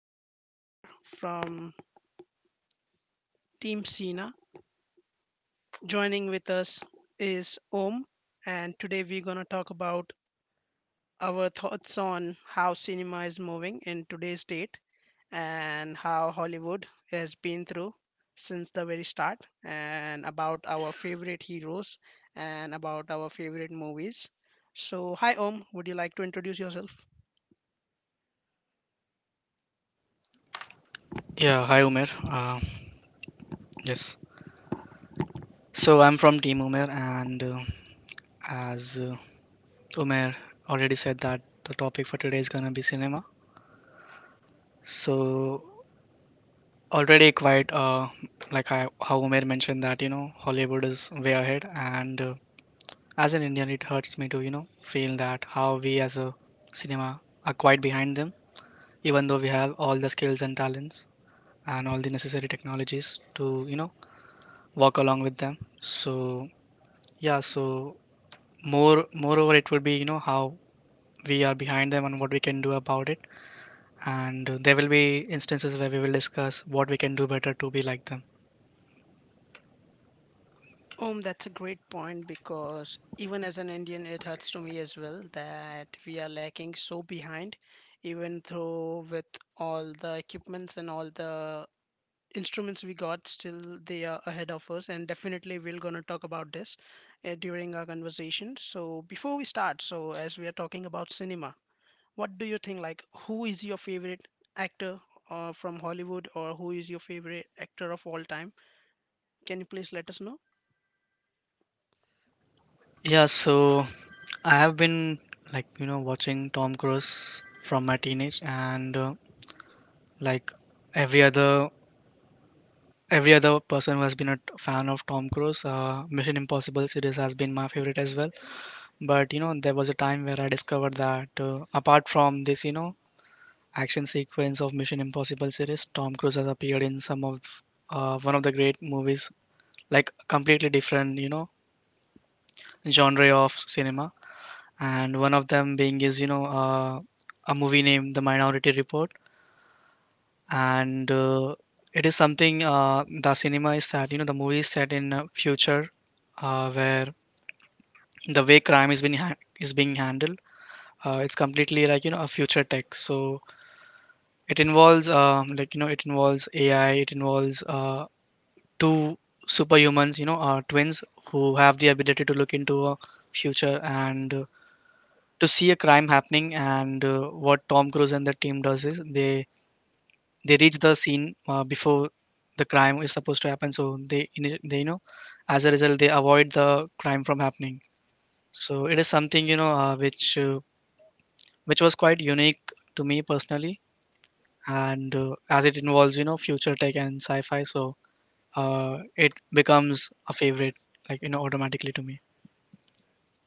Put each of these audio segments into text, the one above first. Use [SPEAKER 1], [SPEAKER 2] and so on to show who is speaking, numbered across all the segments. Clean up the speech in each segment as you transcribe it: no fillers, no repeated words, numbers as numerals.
[SPEAKER 1] host Umair from Team Sina. Joining with us is Om, and today we're gonna talk about our thoughts on how cinema is moving in today's date and how Hollywood has been through since the very start, and about our favorite heroes and about our favorite movies. So, hi Om. Would you like to introduce yourself?
[SPEAKER 2] Yeah, hi Umer. yes. So I'm from Team Umer, and as Umer already said that the topic for today is gonna be cinema. So already quite how Umer mentioned that Hollywood is way ahead, and as an Indian, it hurts me to feel that how we as a cinema are quite behind them, even though we have all the skills and talents and all the necessary technologies to walk along with them. So yeah, so moreover it would be how we are behind them and what we can do about it, and there will be instances where we will discuss what we can do better to be like them.
[SPEAKER 1] That's a great point because even as an Indian, it hurts to me as well that we are lacking so behind, even though with all the equipments and all the instruments we got, still they are ahead of us. And definitely, we're gonna talk about this during our conversation. So before we start, so as we are talking about cinema, what do you think? Like, who is your favorite actor from Hollywood, or who is your favorite actor of all time? Can you please let us know?
[SPEAKER 2] Yeah, so I have been like watching Tom Cruise from my teenage, and like every other every other person who has been a fan of Tom Cruise Mission Impossible series has been my favorite as well. But there was a time where I discovered that apart from this, action sequence of Mission Impossible series, Tom Cruise has appeared in some of one of the great movies, like completely different, you know, genre of cinema. And one of them being is a movie named The Minority Report, and it is something the cinema is set. You know, the movie is set in future, where the way crime is being handled. It's completely like a future tech. So it involves like it involves AI, it involves two superhumans, you know, twins who have the ability to look into a future, and to see a crime happening. And what Tom Cruise and the team does is they reach the scene before the crime is supposed to happen. So they ini- they you know, as a result, they avoid the crime from happening. So it is something which was quite unique to me personally. And as it involves future tech and sci-fi, so it becomes a favorite like automatically to me.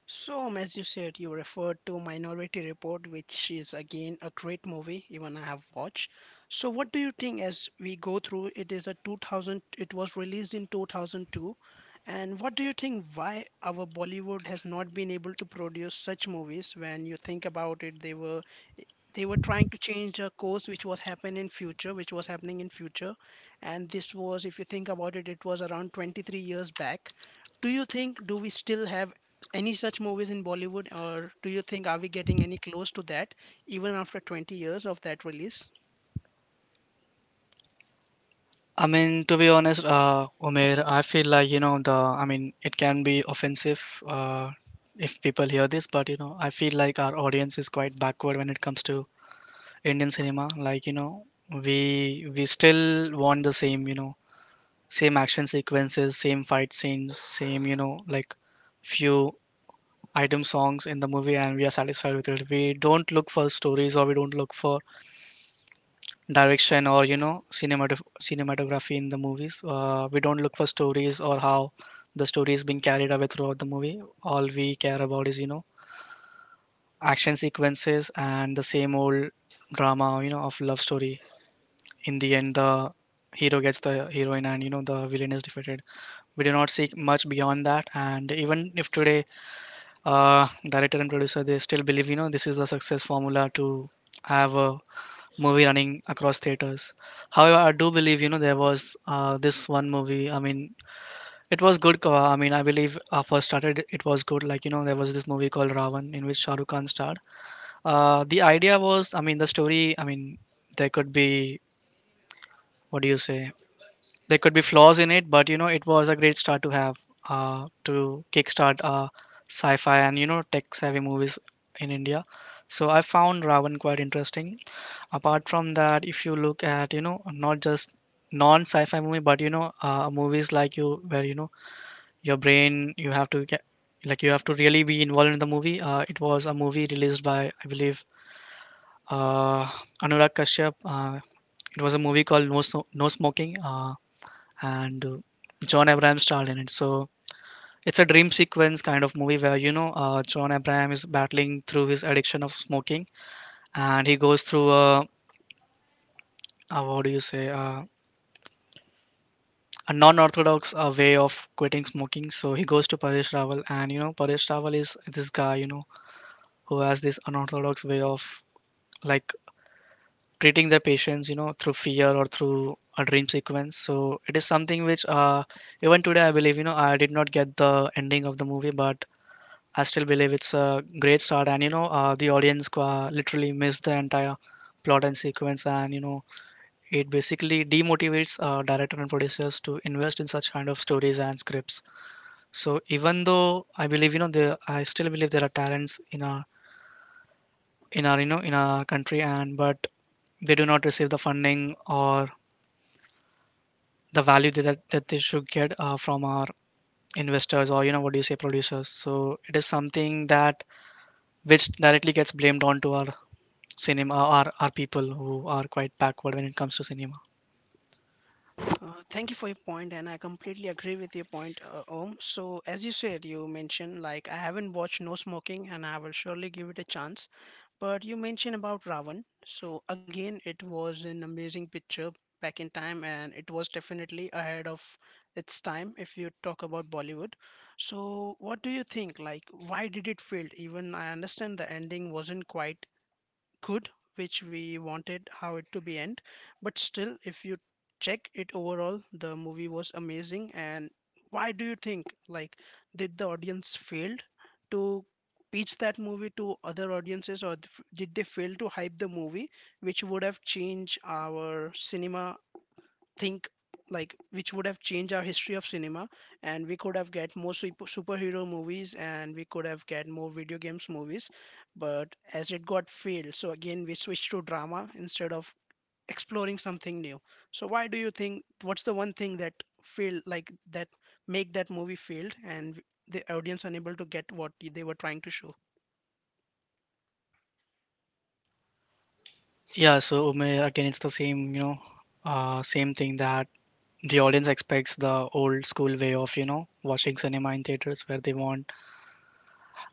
[SPEAKER 1] So, as you said, you referred to Minority Report, which is again a great movie, even I have watched. So, what do you think as we go through? It is a 2000, it was released in 2002. And what do you think why our Bollywood has not been able to produce such movies? When you think about it, they were trying to change a course which was happening in future, and this was, if you think about it, it was around 23 years back. Do you think, do we still have any such movies in Bollywood, or do you think are we getting any close to that even after 20 years of that release?
[SPEAKER 2] I mean, to be honest, Umair, I feel like, I mean, it can be offensive if people hear this, but, you know, I feel like our audience is quite backward when it comes to Indian cinema. Like, you know, we still want the same, you know, same action sequences, same fight scenes, same, you know, like few item songs in the movie, and we are satisfied with it. We don't look for stories, or we don't look for direction or cinematography in the movies. We don't look for stories or how the story is being carried away throughout the movie. All we care about is action sequences and the same old drama, of love story. In the end, the hero gets the heroine, and the villain is defeated. We do not seek much beyond that, and even if today director and producer, they still believe, you know, this is the success formula to have a movie running across theaters. However, I do believe, you know, there was this one movie. I mean, it was good. I mean, I believe first started, it was good. Like, you know, there was this movie called Ravan in which Shah Rukh Khan starred. The idea was, I mean, the story, I mean, there could be, what do you say? There could be flaws in it, but you know, it was a great start to have to kickstart sci-fi and you know, tech-savvy movies in India. So I found Ravan quite interesting. Apart from that, if you look at you know, not just non-sci-fi movie, but you know, movies like you where your brain you have to get, like you have to really be involved in the movie. It was a movie released by I believe uh, Anurag Kashyap. It was a movie called No, Sno- no Smoking. And John Abraham starred in it. So it's a dream sequence kind of movie where John Abraham is battling through his addiction of smoking, and he goes through a what do you say, a non-orthodox way of quitting smoking. So he goes to Paresh Rawal, and Paresh Rawal is this guy who has this unorthodox way of like treating their patients, through fear or through a dream sequence. So it is something which even today I believe, I did not get the ending of the movie, but I still believe it's a great start, and you know, the audience qua literally missed the entire plot and sequence, and you know, it basically demotivates director and producers to invest in such kind of stories and scripts. So even though I believe, you know, there, I still believe there are talents in our in our country, and but they do not receive the funding or the value that they should get from our investors or you know what do you say producers. So it is something that which directly gets blamed onto our cinema are people who are quite backward when it comes to cinema.
[SPEAKER 1] Thank you for your point, and I completely agree with your point, Om. So, as you said, you mentioned like I haven't watched No Smoking, and I will surely give it a chance. But you mentioned about Ravan. So again, it was an amazing picture back in time, and it was definitely ahead of its time if you talk about Bollywood. So what do you think? Like, why did it fail? Even I understand the ending wasn't quite good, which we wanted how it to be end, but still if you check it overall the movie was amazing. And why do you think like did the audience failed to pitch that movie to other audiences, or did they fail to hype the movie which would have changed our cinema, think like which would have changed our history of cinema, and we could have get more superhero movies, and we could have get more video games movies, but as it got failed, so again we switched to drama instead of exploring something new. So why do you think, what's the one thing that failed like that make that movie failed and the audience unable to get what they were trying to show?
[SPEAKER 2] Yeah, so Umair, again, it's the same, you know, same thing that the audience expects the old school way of, you know, watching cinema in theaters where they want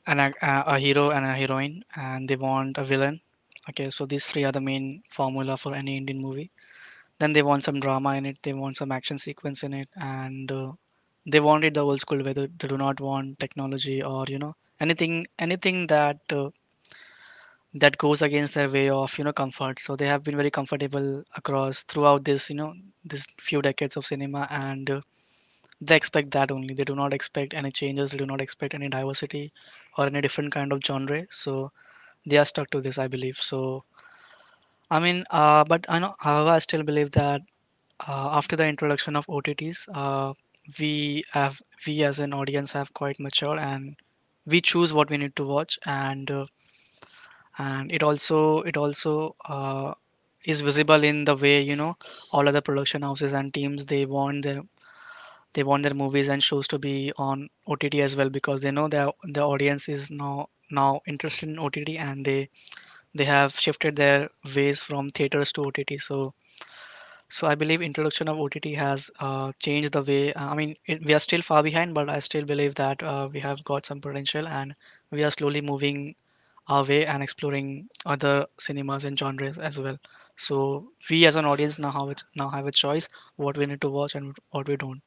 [SPEAKER 2] a hero and a heroine, and they want a villain. Okay, so these three are the main formula for any Indian movie. Then they want some drama in it, they want some action sequence in it, and they want it the old school way. They do not want technology, or, you know, anything that that goes against their way of comfort. So they have been very comfortable across throughout this this few decades of cinema, and they expect that only. They do not expect any changes, they do not expect any diversity or any different kind of genre. So they are stuck to this I believe. So I mean, but I know, however, I still believe that after the introduction of OTTs, we have, we as an audience have quite matured, and we choose what we need to watch, and it also is visible in the way you know all other production houses and teams, they want their movies and shows to be on OTT as well, because they know that the audience is now interested in OTT, and they have shifted their ways from theaters to OTT. So so I believe introduction of OTT has changed the way. I mean, it, we are still far behind, but I still believe that we have got some potential, and we are slowly moving away and exploring other cinemas and genres as well. So we as an audience now have a choice what we need to watch and what we don't.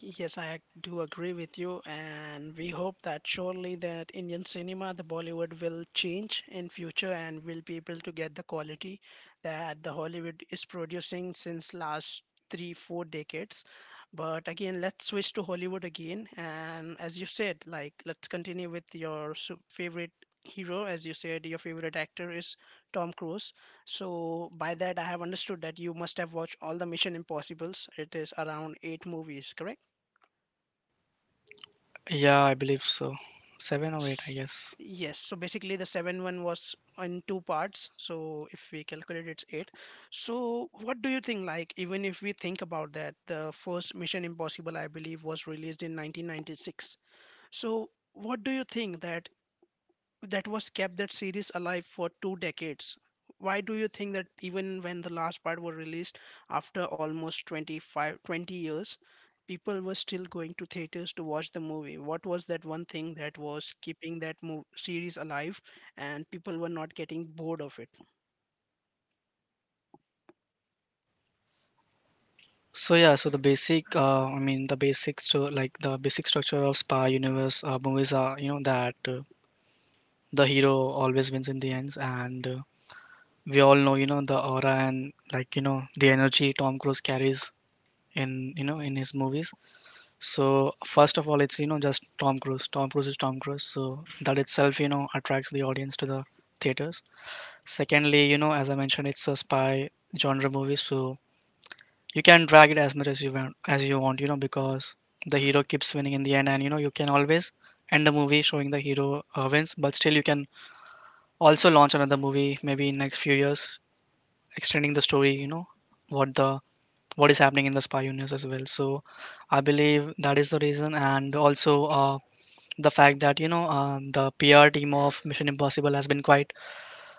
[SPEAKER 1] Yes, do agree with you, and we hope that surely that Indian cinema, the Bollywood will change in future and will be able to get the quality that the Hollywood is producing since last three, four decades. But again, let's switch to Hollywood again, and as you said, like let's continue with your favorite hero. As you said, your favorite actor is Tom Cruise. So by that, I have understood that you must have watched all the Mission Impossibles. It is around eight movies, correct?
[SPEAKER 2] Yeah, I believe so. Seven or eight, I
[SPEAKER 1] S-
[SPEAKER 2] guess.
[SPEAKER 1] Yes, so basically the 7-1 was in two parts. So if we calculate it's 8. So what do you think, like even if we think about that, the first Mission Impossible I believe was released in 1996. So what do you think that, that was kept that series alive for two decades. Why do you think that even when the last part were released after almost 25, 20 years, people were still going to theaters to watch the movie? What was that one thing that was keeping that series alive and people were not getting bored of it?
[SPEAKER 2] So yeah, so the basic, I mean, the basic like the basic structure of spy universe movies are, you know, that the hero always wins in the ends, and we all know, you know, the aura and like the energy Tom Cruise carries in, you know, in his movies. So first of all, it's just Tom Cruise. Tom Cruise is Tom Cruise, so that itself attracts the audience to the theaters. Secondly, you know, as I mentioned, it's a spy genre movie, so you can drag it as much as you want, you know, because the hero keeps winning in the end, and you know you can always end the movie showing the hero wins, but still you can also launch another movie maybe in next few years, extending the story, you know, what the what is happening in the spy universe as well. So I believe that is the reason, and also. The fact that you know the PR team of Mission Impossible has been quite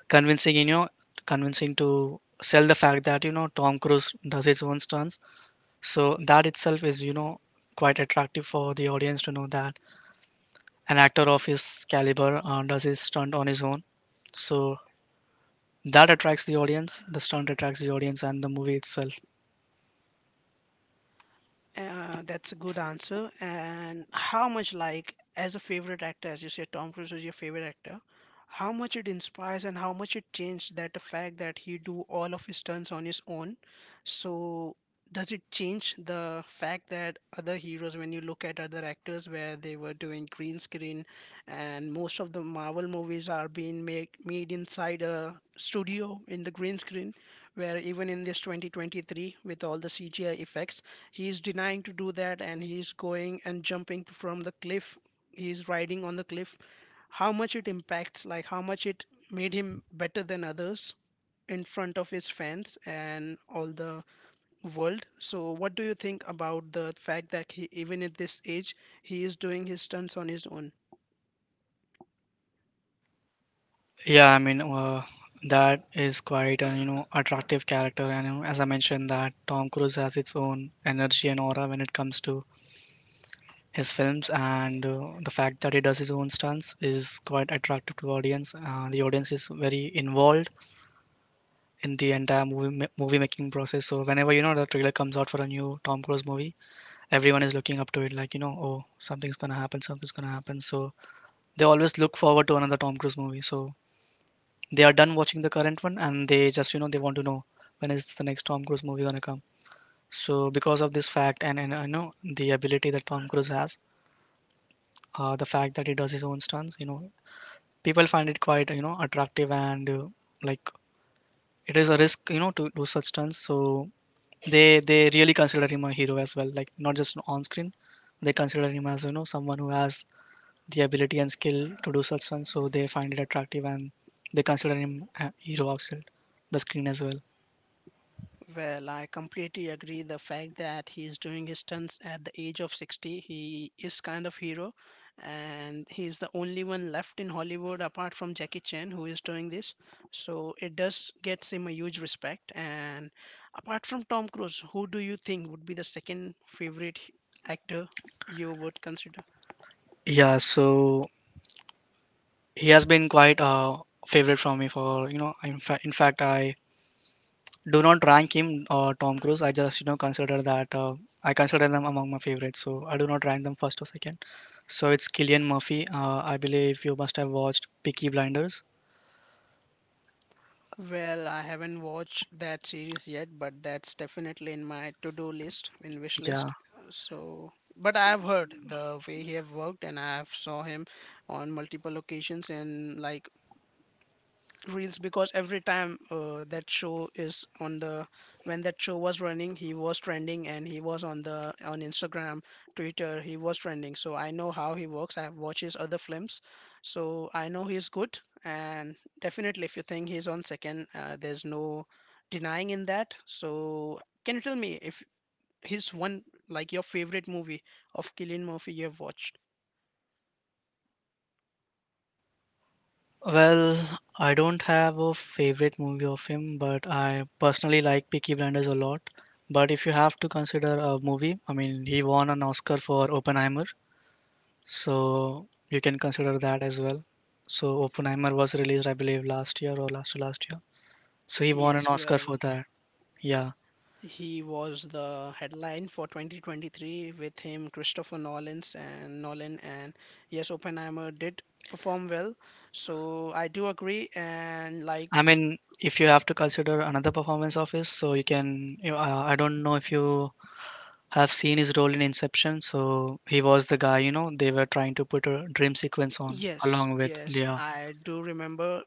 [SPEAKER 2] convincing, you know, convincing to sell the fact that you know Tom Cruise does his own stunts. So that itself is quite attractive for the audience to know that an actor of his caliber does his stunt on his own. So that attracts the audience. The stunt attracts the audience and the movie itself.
[SPEAKER 1] That's a good answer. And how much, like, as a favorite actor, as you say, Tom Cruise was your favorite actor, how much it inspires and how much it changed that, the fact that he do all of his stunts on his own. So does it change the fact that other heroes, when you look at other actors where they were doing green screen, and most of the Marvel movies are being made inside a studio in the green screen, where even in this 2023 with all the CGI effects he's denying to do that, and he's going and jumping from the cliff, he's riding on the cliff, how much it impacts, like how much it made him better than others in front of his fans and all the world. So what do you think about the fact that he, even at this age, he is doing his stunts on his own?
[SPEAKER 2] Yeah, I mean. That is quite a attractive character, and you know, as I mentioned, that Tom Cruise has its own energy and aura when it comes to his films. And the fact that he does his own stunts is quite attractive to audience. The audience is very involved in the entire movie making process, so whenever you know the trailer comes out for a new Tom Cruise movie, everyone is looking up to it, like, you know, oh, something's gonna happen, something's gonna happen. So they always look forward to another Tom Cruise movie. So they are done watching the current one, and they just, you know, they want to know when is the next Tom Cruise movie gonna come. So because of this fact, and I know the ability that Tom Cruise has. The fact that he does his own stunts, you know, people find it quite, you know, attractive. And like it is a risk, you know, to do such stunts. So they really consider him a hero as well, like not just on screen. They consider him as, you know, someone who has the ability and skill to do such stunts. So they find it attractive, and they consider him a hero outside the screen as well.
[SPEAKER 1] Well, I completely agree. The fact that he's doing his stunts at the age of 60, he is kind of hero, and he's the only one left in Hollywood apart from Jackie Chan who is doing this. So it does gets him a huge respect. And apart from Tom Cruise, who do you think would be the second favorite actor you would consider?
[SPEAKER 2] Yeah, so he has been quite a favorite from me for, you know, in fact, I do not rank him, Tom Cruise. I just, you know, consider that, I consider them among my favorites. So I do not rank them first or second. So it's Killian Murphy. I believe you must have watched Peaky Blinders.
[SPEAKER 1] Well, I haven't watched that series yet, but that's definitely in my to-do list, in wish
[SPEAKER 2] Yeah.
[SPEAKER 1] list. So, but I have heard the way he have worked, and I have saw him on multiple occasions in like reels, because every time that show is on the, when that show was running, he was trending, and he was on the, on Instagram, Twitter, he was trending. So I know how he works, I have watched his other films, so I know he's good. And definitely, if you think he's on second, there's no denying in that. So can you tell me if his one, like your favorite movie of Killian Murphy you have watched?
[SPEAKER 2] Well, I don't have a favorite movie of him, but I personally like Peaky Blinders a lot. But if you have to consider a movie, I mean, he won an Oscar for Oppenheimer, so you can consider that as well. So Oppenheimer was released, I believe, last year or last to last year. So he won an
[SPEAKER 1] Yes,
[SPEAKER 2] Oscar for
[SPEAKER 1] well,
[SPEAKER 2] that. Yeah.
[SPEAKER 1] he was the headline for 2023 with him Christopher Nolan's and Nolan, and yes Oppenheimer did perform well, so I do agree. And like,
[SPEAKER 2] I mean, if you have to consider another performance of his, so you can. You, I don't know if you have seen his role in Inception. So he was the guy, you know, they were trying to put a dream sequence on
[SPEAKER 1] yes,
[SPEAKER 2] along with
[SPEAKER 1] yes,
[SPEAKER 2] Leah.
[SPEAKER 1] I do remember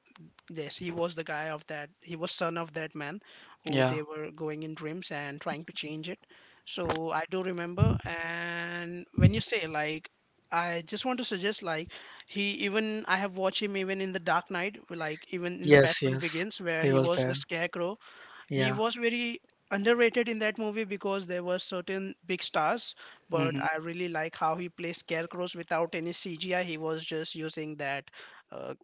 [SPEAKER 1] this. He was the guy of that, he was son of that man who
[SPEAKER 2] Yeah.
[SPEAKER 1] they were going in dreams and trying to change it. So I do remember. And when you say like, I just want to suggest like he, even I have watched him even in the Dark Knight, like even in the
[SPEAKER 2] Yes,
[SPEAKER 1] Batman
[SPEAKER 2] yes.
[SPEAKER 1] Begins where
[SPEAKER 2] He
[SPEAKER 1] he
[SPEAKER 2] was
[SPEAKER 1] was
[SPEAKER 2] there.
[SPEAKER 1] the scarecrow. He
[SPEAKER 2] Yeah.
[SPEAKER 1] was very underrated in that movie because there were certain big stars, but I
[SPEAKER 2] Hmm.
[SPEAKER 1] really like how he plays scarecrows without any CGI. He was just using that uh,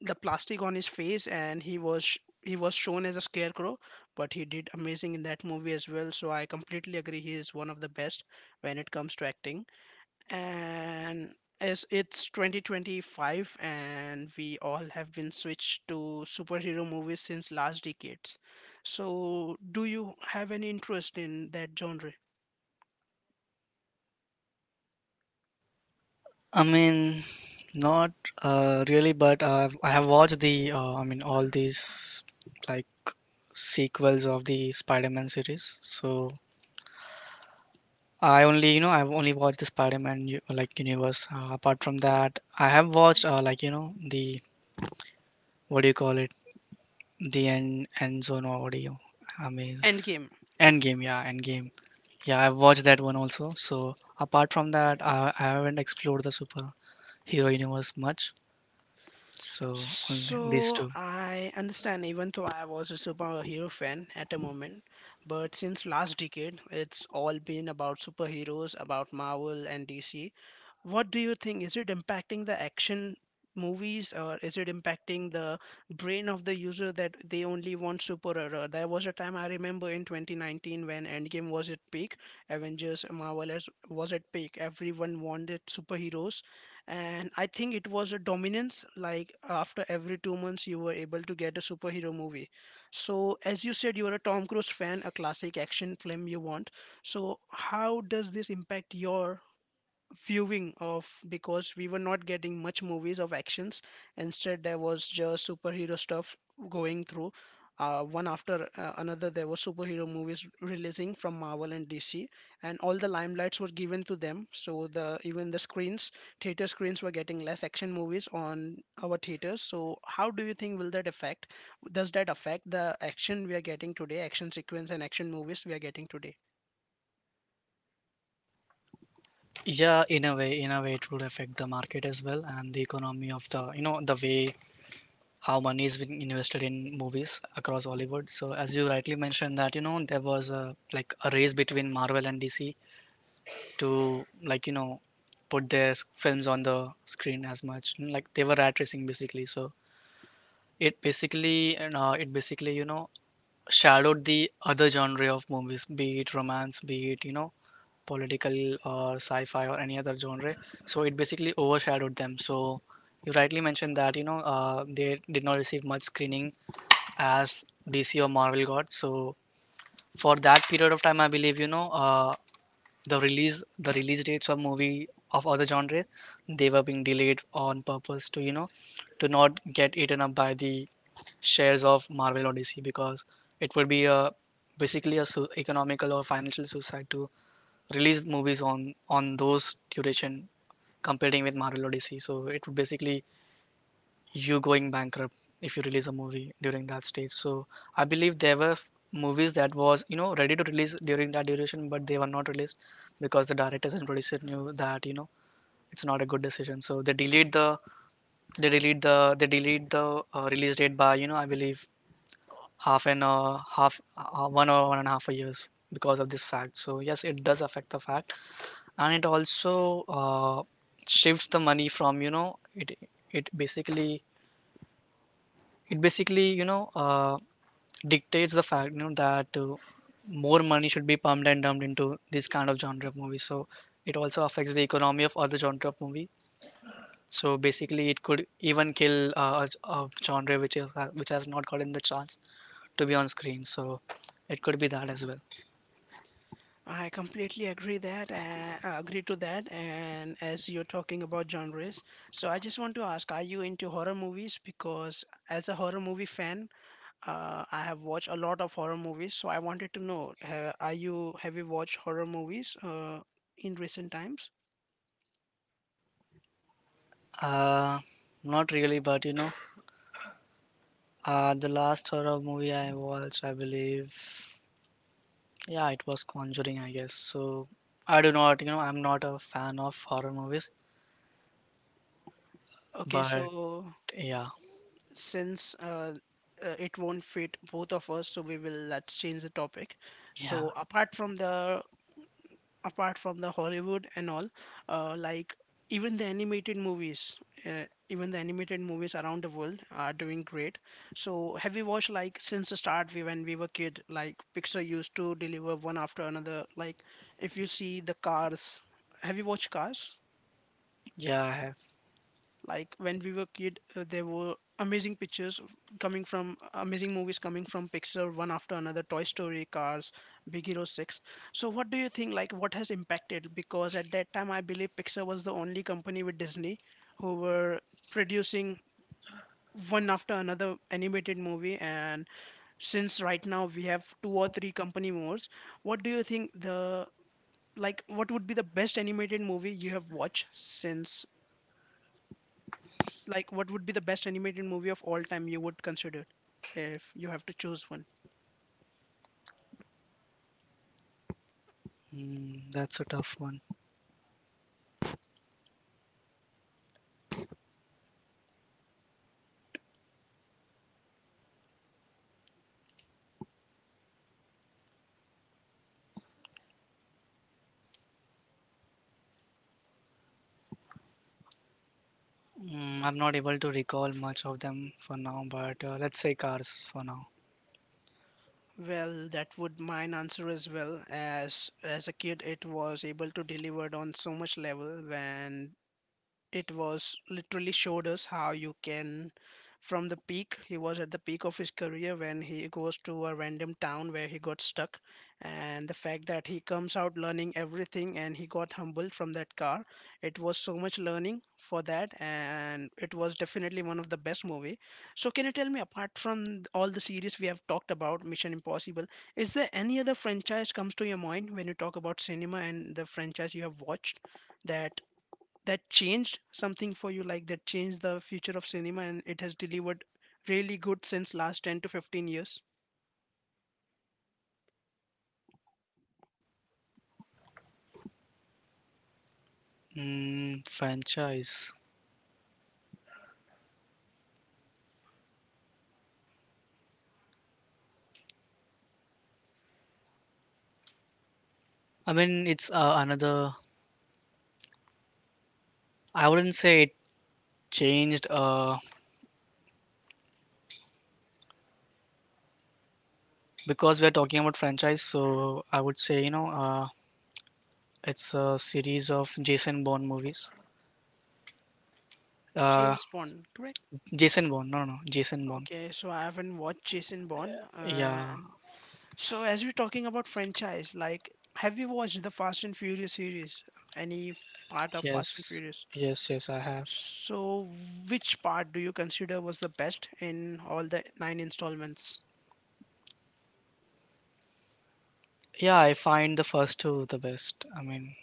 [SPEAKER 1] the plastic on his face, and he was shown as a scarecrow, but he did amazing in that movie as well. So I completely agree, he is one of the best when it comes to acting. And as it's 2025 and we all have been switched to superhero movies since last decades, so do you have any interest in that genre?
[SPEAKER 2] I mean, not really, but I have watched the, I mean, all these like sequels of the Spider-Man series. So I only, you know, I've only watched the universe. Apart from that, I have watched like, you know, the what do you call it? The end zone, or what do you? I mean,
[SPEAKER 1] Endgame.
[SPEAKER 2] end game. Yeah, end game. Yeah, I've watched that one also. So apart from that, I haven't explored the superhero universe much. So only these
[SPEAKER 1] So
[SPEAKER 2] two.
[SPEAKER 1] I understand, even though I was a superhero fan at a moment, but since last decade, it's all been about superheroes, about Marvel and DC. What do you think? Is it impacting the action movies, or is it impacting the brain of the user that they only want superhero? There was a time I remember in 2019 when Endgame was at peak, was at peak. Everyone wanted superheroes, and I think it was a dominance, like after every 2 months you were able to get a superhero movie. So as you said, you are a Tom Cruise fan, a classic action film you want, so how does this impact your viewing of, because we were not getting much movies of actions, instead there was just superhero stuff going through, one after another, there were superhero movies releasing from Marvel and DC, and all the limelights were given to them, so the even the screens, theater screens were getting less action movies on our theaters. So how do you think, will that affect, does that affect the action we are getting today, action sequence and action movies we are getting today?
[SPEAKER 2] Yeah, in a way, it would affect the market as well and the economy of the, you know, the way how money is being invested in movies across Hollywood. So as you rightly mentioned, that you know there was a like a race between Marvel and DC to, like, you know, put their films on the screen as much. Like they were rat racing basically. So it basically, and it basically, you know, shadowed the other genre of movies, be it romance, be it, you know, political or sci-fi or any other genre. So it basically overshadowed them. So you rightly mentioned that, you know, they did not receive much screening as DC or Marvel got. So for that period of time, I believe, you know, the release dates of movie of other genre, they were being delayed on purpose to, you know, to not get eaten up by the shares of Marvel or DC, because it would be a basically a economical or financial suicide to release movies on those duration, competing with Marvel or DC. So it would basically, you going bankrupt if you release a movie during that stage. So I believe there were movies that was, you know, ready to release during that duration, but they were not released because the directors and producer knew that, you know, it's not a good decision. So they delayed the release date by, you know, I believe half an half one or one and a half a years because of this fact. So yes, it does affect the fact. And it also shifts the money from, you know, it it basically, it basically, you know, uh, dictates the fact, you know, that more money should be pumped and dumped into this kind of genre of movie. So it also affects the economy of other genre of movie. So basically, it could even kill a genre which is which has not gotten the chance to be on screen. So it could be that as well.
[SPEAKER 1] I completely agree that agree to that. And as you're talking about genres, so I just want to ask: are you into horror movies? Because as a horror movie fan, I have watched a lot of horror movies. So I wanted to know: are you, have you watched horror movies in recent times?
[SPEAKER 2] Uh, not really, but you know, the last horror movie I watched, I believe, yeah, it was Conjuring, I guess. So I do not, you know, I'm not a fan of horror movies.
[SPEAKER 1] Okay,
[SPEAKER 2] But
[SPEAKER 1] so
[SPEAKER 2] yeah,
[SPEAKER 1] since it won't fit both of us, so we will, let's change the topic.
[SPEAKER 2] yeah,
[SPEAKER 1] So apart from the, apart from the Hollywood and all, like even the animated movies, even the animated movies around the world are doing great. So have you watched, like, since the start we when we were kid, like Pixar used to deliver one after another. Like if you see the Cars, have you watched Cars?
[SPEAKER 2] yeah, I have.
[SPEAKER 1] Like when we were kid, there were amazing coming from amazing movies coming from Pixar one after another. Toy Story, Cars, Big Hero 6. So what do you think, like what has impacted, because at that time I believe Pixar was the only company with Disney who were producing one after another animated movie. And since right now we have two or three company more, what do you think the, like what would be the best animated movie you have watched since, like what would be the best animated movie of all time you would consider if you have to choose one?
[SPEAKER 2] Mm, that's a tough one. Mm, I'm not able to recall much of them for now, but let's say cars for now.
[SPEAKER 1] Well, that would mine answer as well. As a kid, it was able to deliver on so much level. When it was literally showed us how you can, from the peak, he was at the peak of his career when he goes to a random town where he got stuck, and the fact that he comes out learning everything and he got humbled from that car. It was so much learning for that, and it was definitely one of the best movie. So can you tell me, apart from all the series we have talked about, Mission Impossible, is there any other franchise comes to your mind when you talk about cinema and the franchise you have watched that, that changed something for you, like that changed the future of cinema and it has delivered really good since last 10 to 15 years?
[SPEAKER 2] Mm, franchise. I mean, it's another. I wouldn't say it changed, because we're talking about franchise, so I would say, you know, it's a series of Jason Bourne movies. Uh,
[SPEAKER 1] James Bond, correct?
[SPEAKER 2] Jason Bourne, no, no, no, Jason Bourne.
[SPEAKER 1] Okay, so I haven't watched Jason Bond. uh,
[SPEAKER 2] Yeah,
[SPEAKER 1] so as we're talking about franchise, like have you watched the Fast and Furious series, any part of Fast and
[SPEAKER 2] yes,
[SPEAKER 1] Furious?
[SPEAKER 2] yes, yes, I have.
[SPEAKER 1] So which part do you consider was the best in all the nine installments?
[SPEAKER 2] Yeah, I find the first two the best. I mean,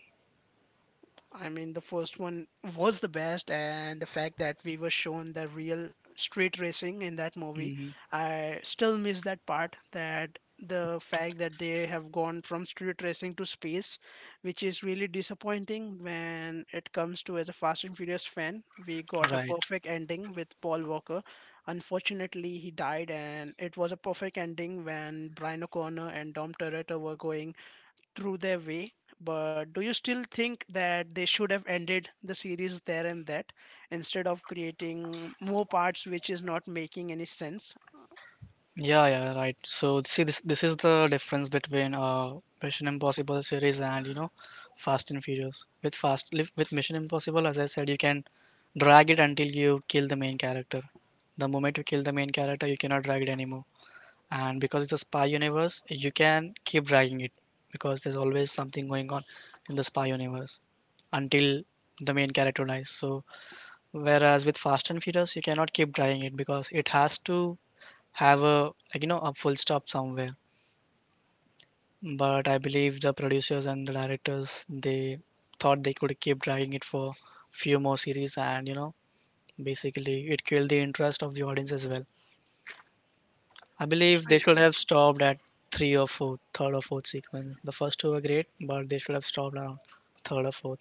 [SPEAKER 1] I mean, the first one was the best, and the fact that we were shown the real street racing in that movie,
[SPEAKER 2] mhm,
[SPEAKER 1] I still miss that part. That the fact that they have gone from street racing to space, which is really disappointing when it comes to, as a Fast and Furious fan. We got a
[SPEAKER 2] right.
[SPEAKER 1] perfect ending with Paul Walker. Unfortunately, he died, and it was a perfect ending when Brian O'Connor and Dom Toretto were going through their way. But do you still think that they should have ended the series there and that instead of creating more parts, which is not making any sense?
[SPEAKER 2] Yeah, yeah, right. So see, this is the difference between Mission Impossible series and, you know, Fast and Furious. With with Mission Impossible, as I said, you can drag it until you kill the main character. The moment you kill the main character, you cannot drag it anymore. And because it's a spy universe, you can keep dragging it because there's always something going on in the spy universe until the main character dies. So whereas with Fast and Furious, you cannot keep driving it, because it has to have a, like, you know, a full stop somewhere. But I believe the producers and the directors, they thought they could keep dragging it for few more series, and you know basically it killed the interest of the audience as well. I believe
[SPEAKER 1] So,
[SPEAKER 2] they should have stopped at three or four, third or fourth sequence. The first two were great, but they should have stopped around third or fourth.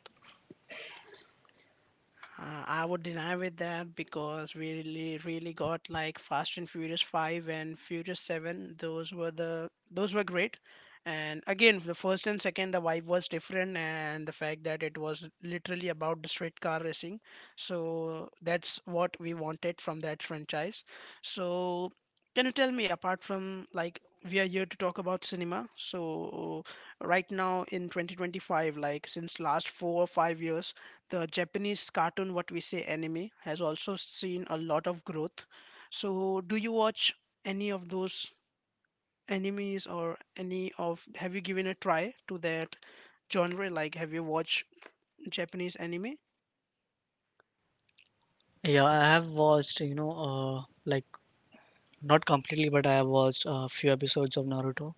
[SPEAKER 1] uh, I would deny with that because we really, really got like Fast and Furious Five and Furious Seven. Those were the those were great, and again the first and second, the vibe was different, and the fact that it was literally about the street car racing. So that's what we wanted from that franchise. So can you tell me, apart from, like, we are here to talk about cinema, so right now in 2025, like since last 4 or 5 years, the Japanese cartoon, what we say anime, has also seen a lot of growth. So do you watch any of those animes or any of? Have you given a try to that genre? Like, have you watched Japanese anime?
[SPEAKER 2] Yeah, I have watched, you know, like not completely, but I have watched a few episodes of Naruto.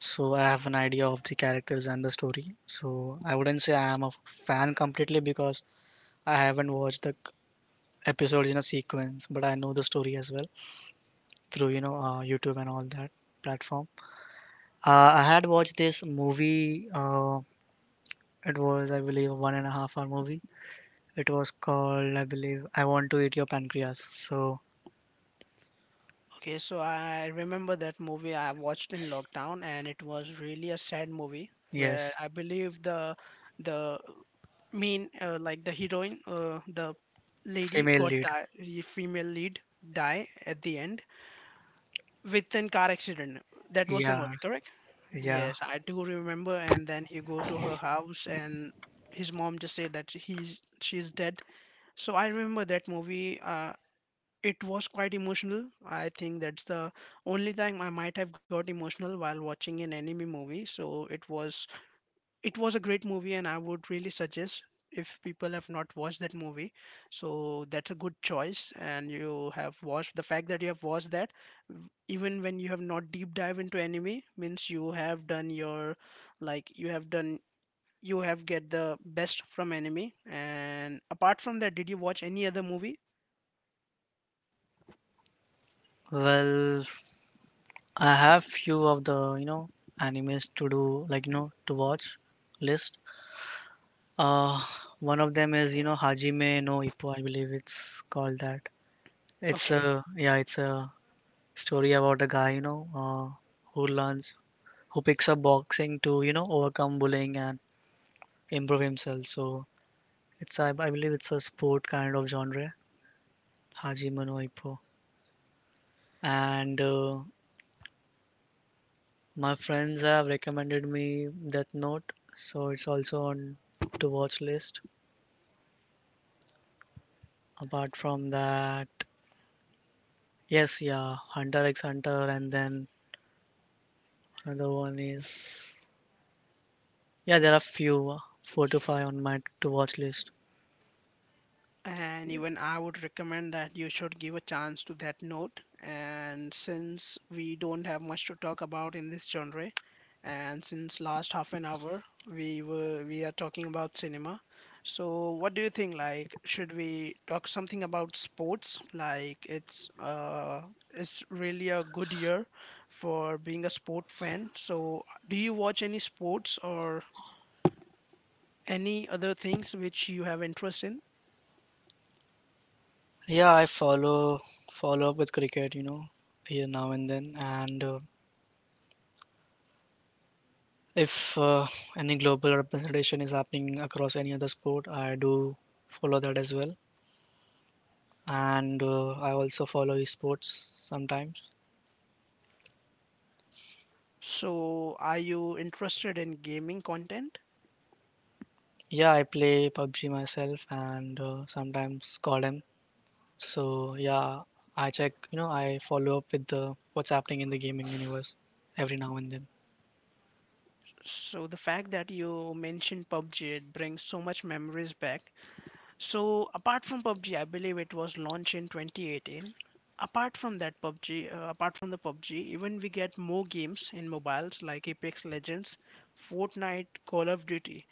[SPEAKER 2] So I have an idea of the characters and the story. So I wouldn't say I am a fan completely, because I haven't watched the episodes in a sequence, but I know the story as well through, you know, YouTube and all that platform. I had watched this movie. It was, I believe, a 1.5 hour movie. It was called, I believe, I Want to Eat Your Pancreas. So
[SPEAKER 1] Okay, so I remember that movie I watched in lockdown, and it was really a sad movie where
[SPEAKER 2] yes,
[SPEAKER 1] I believe the mean, like the heroine, the lady
[SPEAKER 2] female
[SPEAKER 1] got
[SPEAKER 2] lead.
[SPEAKER 1] die, the female lead die at the end with an car accident. That was the
[SPEAKER 2] Yeah,
[SPEAKER 1] movie, correct?
[SPEAKER 2] yeah.
[SPEAKER 1] Yes, I do remember. And then he go to her house, and his mom just said that he's she's dead. So I remember that movie. It was quite emotional. I think that's the only time I might have got emotional while watching an anime movie. So it was, it was a great movie, and I would really suggest if people have not watched that movie. So that's a good choice. And you have watched, the fact that you have watched that, even when you have not deep dive into anime, means you have done your, like you have done, you have get the best from anime. And apart from that, did you watch any other movie?
[SPEAKER 2] Well, I have few of the, you know, animes to do, like, you know, to watch list. Uh, one of them is, you know, Hajime no Ippo. I believe it's called that. It's
[SPEAKER 1] Okay.
[SPEAKER 2] a yeah, it's a story about a guy, you know, who learns, who picks up boxing to, you know, overcome bullying and improve himself. So it's, I believe it's a sport kind of genre. Hajime no Ippo. And my friends have recommended me Death Note, so it's also on to watch list. Apart from that, yes, yeah, Hunter x Hunter, and then another one is yeah, there are few four to five on my to watch list.
[SPEAKER 1] And even I would recommend that you should give a chance to that Note. And since we don't have much to talk about in this genre, and since last half an hour we are talking about cinema, so what do you think, like should we talk something about sports? Like it's, uh, it's really a good year for being a sport fan. So do you watch any sports or any other things which you have interest in?
[SPEAKER 2] Yeah, I follow up with cricket, you know, here now and then, and if any global representation is happening across any other sport, I do follow that as well, and I also follow esports sometimes.
[SPEAKER 1] So, are you interested in gaming content?
[SPEAKER 2] Yeah, I play PUBG myself, and sometimes CODM. So yeah, I check, you know, I follow up with the what's happening in the gaming universe every now and then.
[SPEAKER 1] So, the fact that you mentioned PUBG, it brings so much memories back. So, apart from PUBG, I believe it was launched in 2018. Apart from that PUBG, apart from the PUBG, even we get more games in mobiles like Apex Legends, Fortnite, Call of Duty.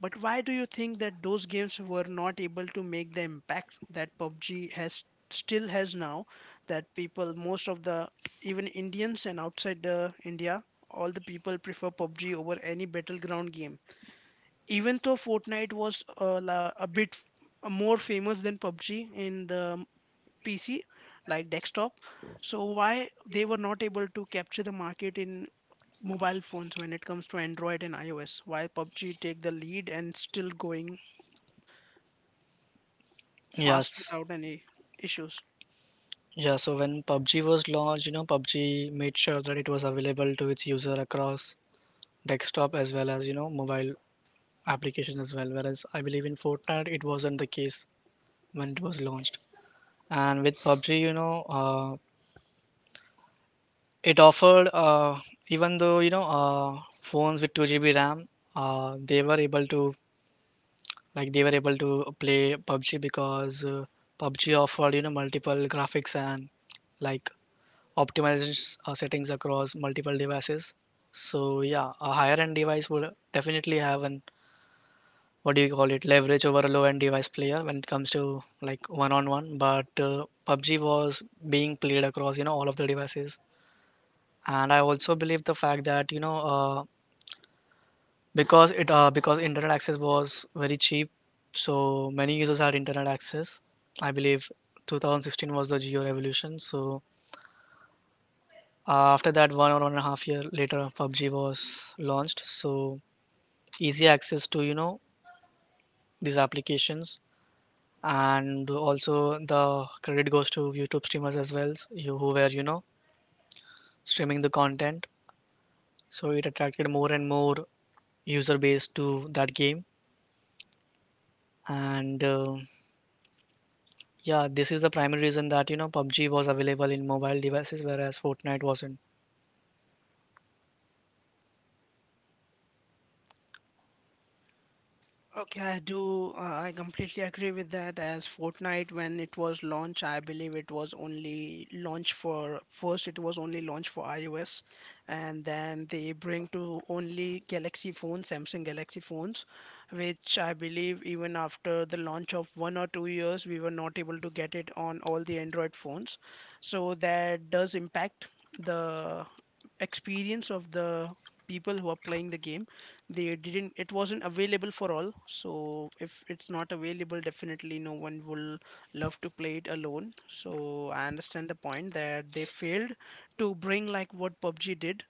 [SPEAKER 1] But why do you think that those games were not able to make the impact that PUBG has still has now, that people, most of the, even Indians and outside the India, all the people prefer PUBG over any battleground game. Even though Fortnite was, more famous than PUBG in the PC, like desktop, so why they were not able to capture the market in mobile phones when it comes to Android and iOS? Why PUBG take the lead and still going fast
[SPEAKER 2] Yes.
[SPEAKER 1] without any issues.
[SPEAKER 2] Yeah, so when PUBG was launched, you know, PUBG made sure that it was available to its user across desktop as well as, you know, mobile applications as well. Whereas I believe in Fortnite, it wasn't the case when it was launched. And with PUBG, you know, it offered, even though, you know, phones with 2 GB RAM, they were able to, they were able to play PUBG, because PUBG offered, you know, multiple graphics and, like, optimization settings across multiple devices. So yeah, a higher end device would definitely have an, what do you call it, leverage over a low end device player when it comes to like one on one. But PUBG was being played across all of the devices, and I also believe the fact that because it because internet access was very cheap, so many users had internet access. I believe 2016 was the geo revolution, so after that one or one and a half year later pubg was launched. So easy access to these applications, and also the credit goes to youtube streamers as well, you who were streaming the content, so it attracted more and more user base to that game. And Yeah, this is the primary reason that PUBG was available in mobile devices, whereas Fortnite wasn't.
[SPEAKER 1] Okay, I do. I completely agree with that. As Fortnite, when it was launched, I believe it was only launched for first. It was only launched for iOS, and then they bring to only Galaxy phones, Samsung Galaxy phones, which I believe even after the launch of 1 or 2 years, we were not able to get it on all the Android phones. So that does impact the experience of the people who are playing the game. They didn't, it wasn't available for all. So if it's not available, definitely no one will love to play it alone. So I understand the point that they failed to bring like what PUBG did,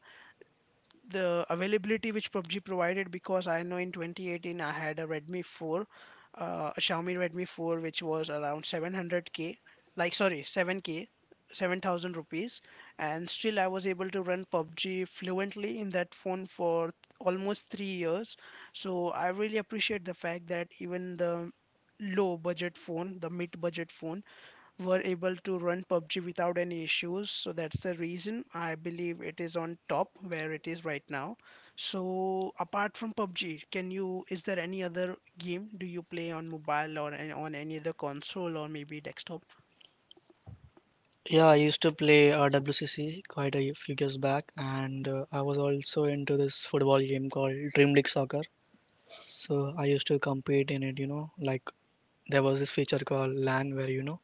[SPEAKER 1] the availability which PUBG provided. Because I know in 2018 I had a Redmi 4, a Xiaomi Redmi 4, which was around 700k, like sorry 7k, 7,000 rupees, and still I was able to run PUBG fluently in that phone for almost 3 years. So I really appreciate the fact that even the low budget phone, the mid budget phone, were able to run PUBG without any issues. So that's the reason I believe it is on top where it is right now. So apart from PUBG, can you, is there any other game do you play on mobile or on any other console or maybe desktop?
[SPEAKER 2] Yeah, I used to play WCC quite a few years back, and I was also into this football game called Dream League Soccer. So I used to compete in it, you know, like there was this feature called LAN where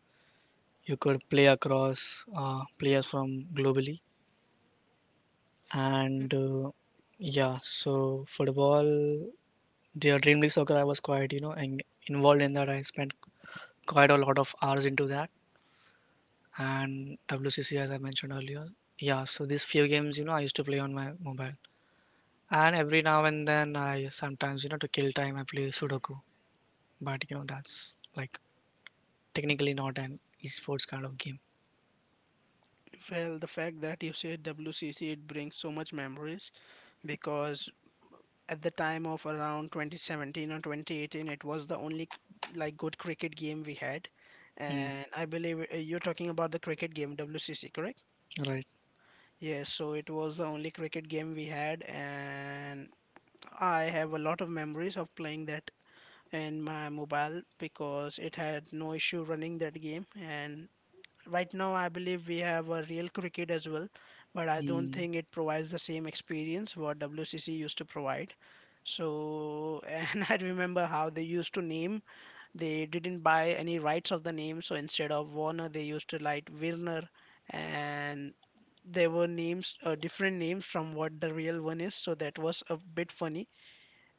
[SPEAKER 2] you could play across players from globally, and yeah, so football, the Dream League Soccer, I was quite involved in that. I spent quite a lot of hours into that, and WCC as I mentioned earlier. Yeah, so these few games, you know, I used to play on my mobile. And every now and then I sometimes, you know, to kill time I play Sudoku. But you know, that's like technically not an esports kind of game.
[SPEAKER 1] Well, the fact that you said WCC, it brings so much memories, because at the time of around 2017 or 2018, it was the only like good cricket game we had.
[SPEAKER 2] Mm,
[SPEAKER 1] And I believe, you're talking about the cricket game WCC, correct?
[SPEAKER 2] right.
[SPEAKER 1] Yes, so it was the only cricket game we had, and I have a lot of memories of playing that in my mobile, because it had no issue running that game. And right now I believe we have a Real Cricket as well, but I don't
[SPEAKER 2] Mm.
[SPEAKER 1] think it provides the same experience what WCC used to provide. So and I remember how they used to name, they didn't buy any rights of the name, so instead of Warner they used to like Werner, and there were names, different names from what the real one is, so that was a bit funny.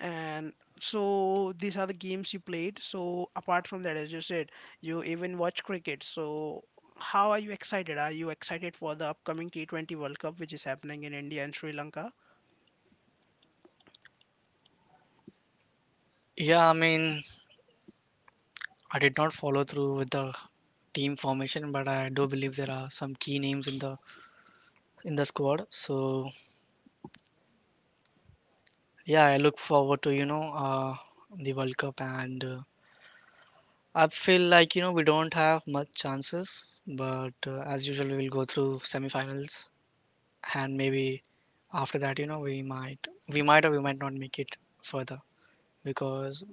[SPEAKER 1] And so these are the games you played. So apart from that, as you said, you even watch cricket. So how are you excited, are you excited for the upcoming T20 World Cup which is happening in India and Sri Lanka?
[SPEAKER 2] Yeah, I mean, I did not follow through with the team formation, but I do believe there are some key names in the squad. So yeah, I look forward to the World Cup and I feel like you know we don't have much chances, but as usual we will go through semifinals, and maybe after that you know we might or we might not make it further, because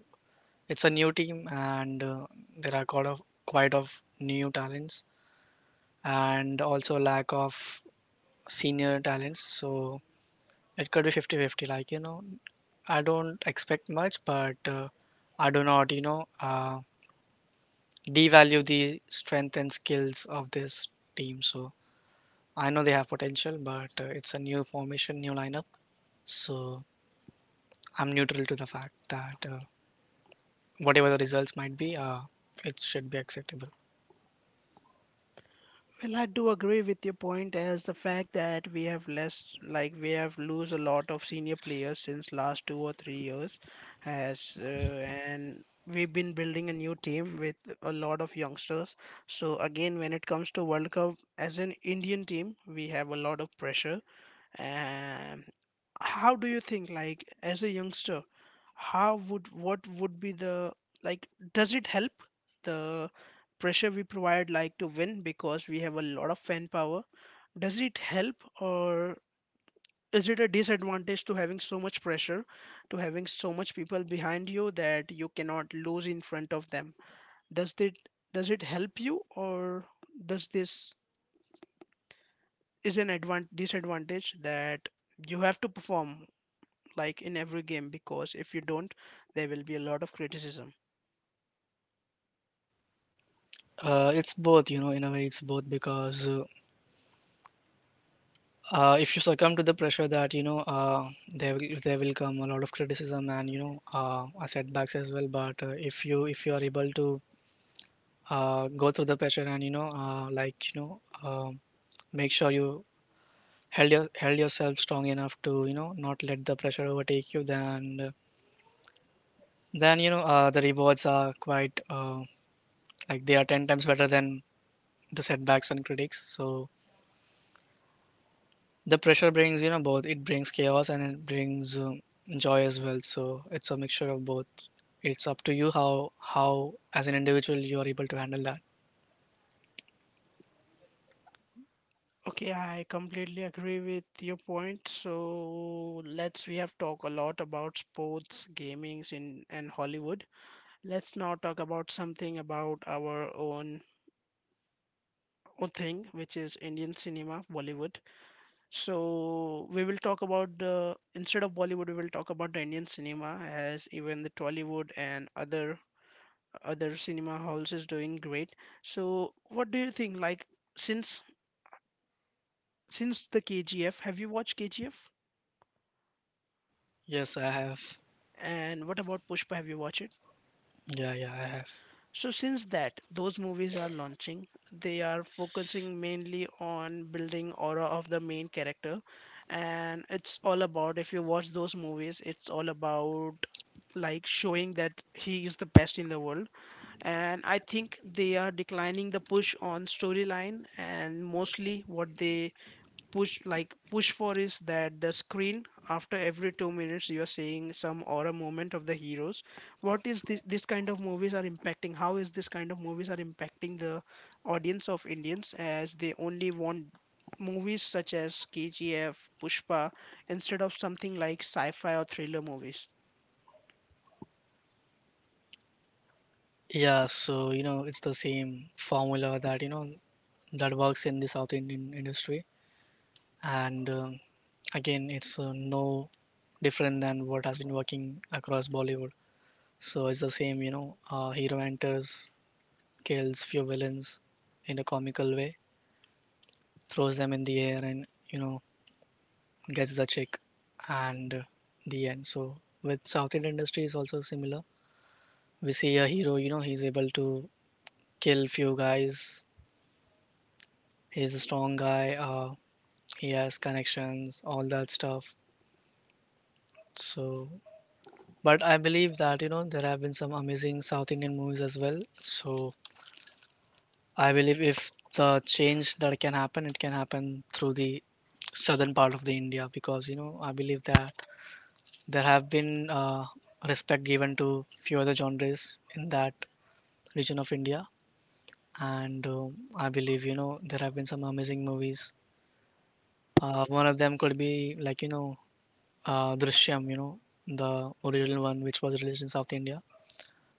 [SPEAKER 2] it's a new team and there are quite of new talents and also lack of senior talents. So it could be 50-50. Like you know, I don't expect much, but I do not you know. Devalue the strength and skills of this team. So I know they have potential, but it's a new formation, new lineup. So I'm neutral to the fact that whatever the results might be, it should be acceptable.
[SPEAKER 1] Well, I do agree with your point, as the fact that we have less, like we have lose a lot of senior players since last 2 or 3 years, as, and we've been building a new team with a lot of youngsters. So again, when it comes to World Cup, as an Indian team, we have a lot of pressure. Um, how do you think, like as a youngster, how would what would be the like does it help the pressure we provide, like, to win, because we have a lot of fan power? Does it help, or is it a disadvantage to having so much pressure, to having so much people behind you that you cannot lose in front of them? does it does it help you, or does this is disadvantage that you have to perform like in every game, because if you don't, there will be a lot of criticism?
[SPEAKER 2] It's both, you know, in a way, it's both because if you succumb to the pressure that there will come a lot of criticism and setbacks as well. But if you are able to go through the pressure and make sure you held yourself strong enough to you know not let the pressure overtake you, then you know the rewards are quite like they are 10 times better than the setbacks and critics. So the pressure brings you know both: it brings chaos and it brings joy as well, so it's a mixture of both. It's up to you how as an individual you are able to handle that.
[SPEAKER 1] Okay, I completely agree with your point. So let's we have talked a lot about sports, gamings, in and Hollywood. Let's now talk about something about our own own thing, which is Indian cinema, Bollywood. So we will talk about the instead of Bollywood, we will talk about the Indian cinema, as even the Tollywood and other cinema halls is doing great. So what do you think? Like, since since the KGF, have you watched KGF?
[SPEAKER 2] Yes, I have.
[SPEAKER 1] And what about Pushpa? Have you watched it?
[SPEAKER 2] Yeah, yeah, I have.
[SPEAKER 1] So since that, those movies are launching. They are focusing mainly on building aura of the main character, and it's all about. If you watch those movies, it's all about like showing that he is the best in the world. And I think they are declining the push on storyline, and mostly what they push for is that the screen, after every 2 minutes, you are seeing some aura moment of the heroes. What is this, this kind of movies are impacting How is this kind of movies are impacting the audience of Indians, as they only want movies such as KGF, Pushpa, instead of something like sci-fi or thriller movies?
[SPEAKER 2] Yeah, so you know it's the same formula that that works in the south indian industry, and again it's no different than what has been working across bollywood. So it's the same you know hero enters, kills few villains in a comical way, throws them in the air and you know gets the chick, and the end. So with south indian industry is also similar: we see a hero, you know, he's able to kill few guys, he's a strong guy, he has connections, all that stuff. So but I believe that, you know, there have been some amazing South Indian movies as well. So I believe if the change that can happen, it can happen through the southern part of the India because, you know, I believe that there have been respect given to few other genres in that region of India. And I believe, you know, there have been some amazing movies. One of them could be like, you know, Drishyam, you know, the original one which was released in South India.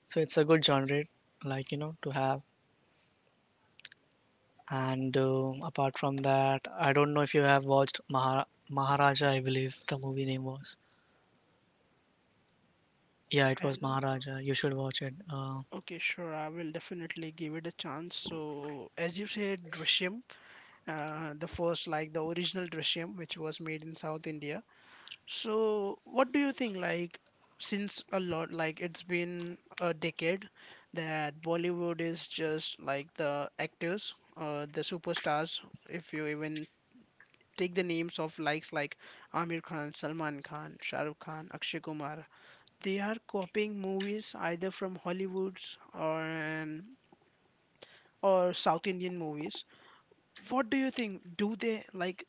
[SPEAKER 2] So it's a good genre, like you know, to have. And apart from that, I don't know if you have watched Maharaja. I believe the movie name was. Yeah, it was
[SPEAKER 1] Well,
[SPEAKER 2] Maharaja. You should watch it.
[SPEAKER 1] okay, sure. I will definitely give it a chance. So, as you said, Drishyam, the first, like the original Drishyam, which was made in South India. So, what do you think? Like, since a lot, like it's been a decade that Bollywood is just like the actors, the superstars. If you even take the names of likes like Amir Khan, Salman Khan, Shah Rukh Khan, Akshay Kumar, they are copying movies either from Hollywoods or or South Indian movies. What do you think? Do they like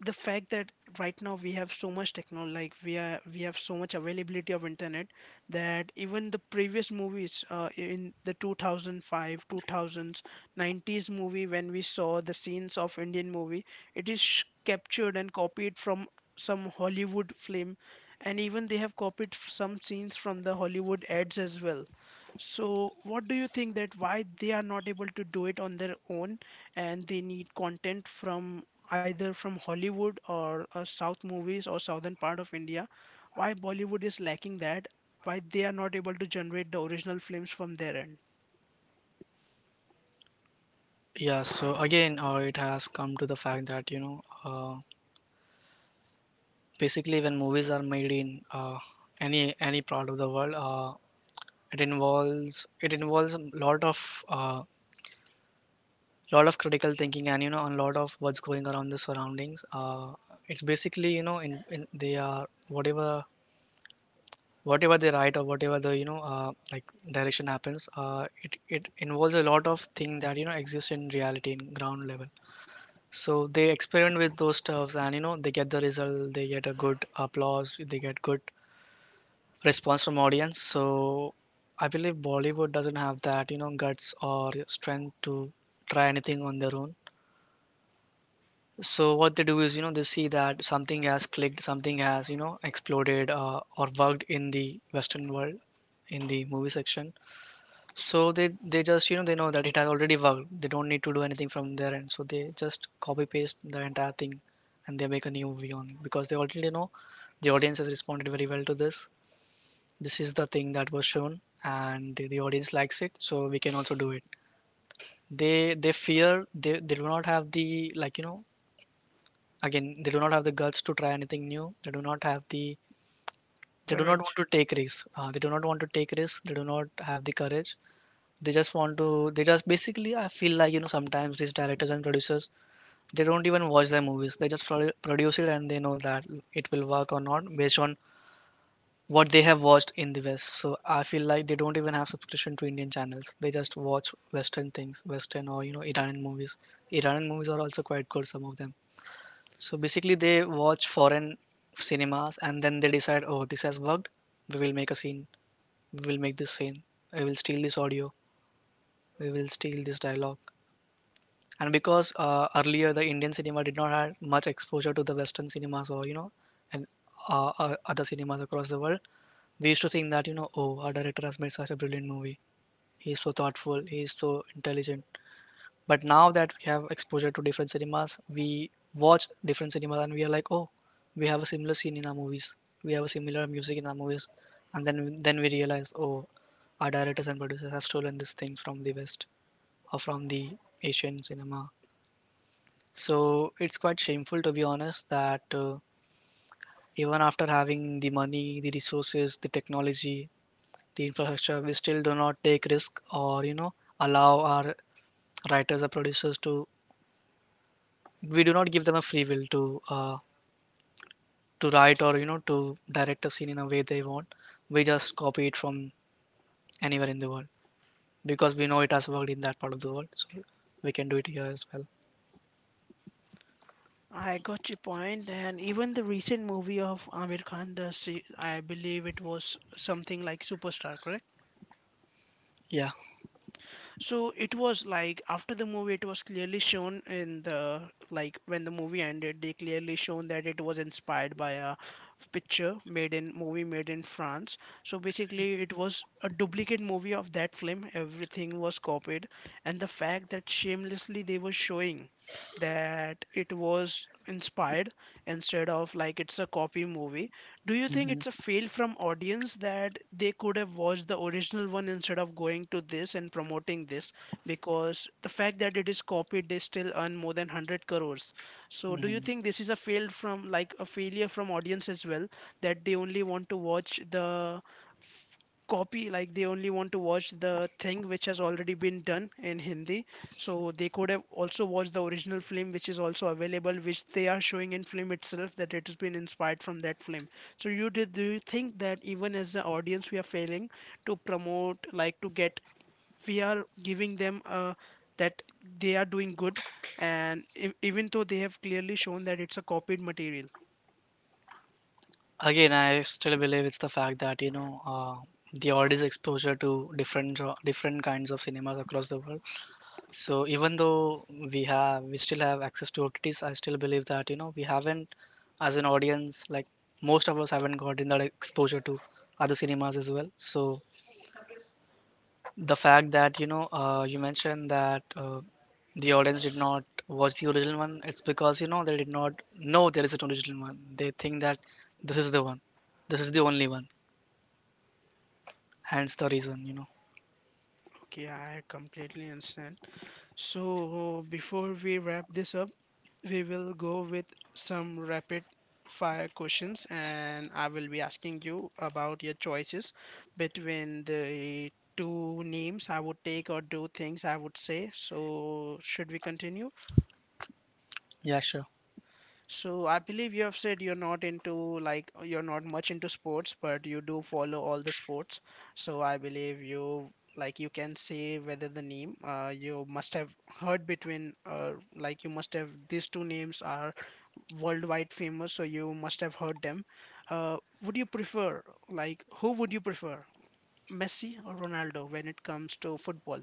[SPEAKER 1] the fact that right now we have so much technology, like we have so much availability of internet, that even the previous movies in the 2005, 2000s, 90s movie, when we saw the scenes of Indian movie, it is captured and copied from some Hollywood film? And even they have copied some scenes from the Hollywood ads as well. So what do you think, that why they are not able to do it on their own, and they need content from either from Hollywood or South movies or southern part of India? Why Bollywood is lacking that? Why they are not able to generate the original films from their end?
[SPEAKER 2] Yeah. So again, it has come to the fact that basically, when movies are made in any part of the world, it involves a lot of critical thinking and you know a lot of what's going around the surroundings. It's basically you know in they are whatever they write or whatever the direction happens. It involves a lot of things that you know exist in reality in ground level. So they experiment with those stuffs and you know they get the result, they get a good applause, they get good response from audience. So I believe bollywood doesn't have that you know guts or strength to try anything on their own. So what they do is, you know, they see that something has clicked, something has, you know, exploded or worked in the Western world, in the movie section. So they just, you know, they know that it has already worked. They don't need to do anything from their end. So they just copy paste the entire thing, and they make a new movie on because they already know the audience has responded very well to this. This is the thing that was shown, and the audience likes it. So we can also do it. They fear they do not have the like you know, again they do not have the guts to try anything new. They do not have the, they do not want
[SPEAKER 1] Courage.
[SPEAKER 2] to take risks, they do not have the courage. They just want to, they just basically I feel like you know sometimes these directors and producers, they don't even watch their movies, they just produce it and they know that it will work or not based on what they have watched in the west. So I feel like they don't even have subscription to indian channels, they just watch western things, western or you know iranian movies. Iranian movies are also quite good, some of them. So basically, they watch foreign cinemas and then they decide, oh, this has worked. We will make a scene. We will make this scene. We will steal this audio. We will steal this dialogue. And because earlier the Indian cinema did not have much exposure to the Western cinemas or you know, and other cinemas across the world, we used to think that you know, oh, our director has made such a brilliant movie. He is so thoughtful. He is so intelligent. But now that we have exposure to different cinemas, we watch different cinemas and we are like, oh, we have a similar scene in our movies. We have a similar music in our movies, and then we realize, oh, our directors and producers have stolen these things from the West or from the Asian cinema. So it's quite shameful to be honest that even after having the money, the resources, the technology, the infrastructure, we still do not take risk or you know allow our writers or producers to, we do not give them a free will to write or you know to direct a scene in a way they want. We just copy it from anywhere in the world because we know it has worked in that part of the world, so we can do it here as well.
[SPEAKER 1] I got your point, and even the recent movie of Amir Khan, the I believe it was something like Superstar, correct?
[SPEAKER 2] Yeah.
[SPEAKER 1] So it was like after the movie, it was clearly shown in the like when the movie ended, they clearly shown that it was inspired by a picture made in movie made in France. So basically it was a duplicate movie of that film, everything was copied, and the fact that shamelessly they were showing that it was inspired, instead of like it's a copy movie. Do you think
[SPEAKER 2] Hmm.
[SPEAKER 1] it's a fail from audience, that they could have watched the original one instead of going to this and promoting this? Because the fact that it is copied, they still earn more than 100 crores. So do you
[SPEAKER 2] Hmm.
[SPEAKER 1] think this is a fail from, like, a failure from audience as well, that they only want to watch the f- copy, like they only want to watch the thing which has already been done in Hindi? So they could have also watched the original film, which is also available, which they are showing in film itself, that it has been inspired from that film. So you did, do you think that even as the audience we are failing to promote, like to get, we are giving them that they are doing good, and even though they have clearly shown that it's a copied material.
[SPEAKER 2] Again I still believe it's the fact that the audience exposure to different different kinds of cinemas across the world. So even though we still have access to OTTs, I still believe that you know we haven't, as an audience, like most of us haven't gotten that exposure to other cinemas as well. So the fact that you mentioned that the audience did not watch the original one, it's because you know they did not know there is an original one. They think that this is the one, this is the only one. Hence the reason, you know.
[SPEAKER 1] Okay, I completely understand. So before we wrap this up, we will go with some rapid fire questions, and I will be asking you about your choices between the two names I would take or do things I would say. So should we continue?
[SPEAKER 2] Yeah, sure.
[SPEAKER 1] So I believe you have said you're not much into sports, but you do follow all the sports. So I believe you like you can say whether the name you must have heard between like you must have, these two names are worldwide famous, so you must have heard them. Uh, would you prefer, like, who would you prefer, Messi or Ronaldo, when it comes to football?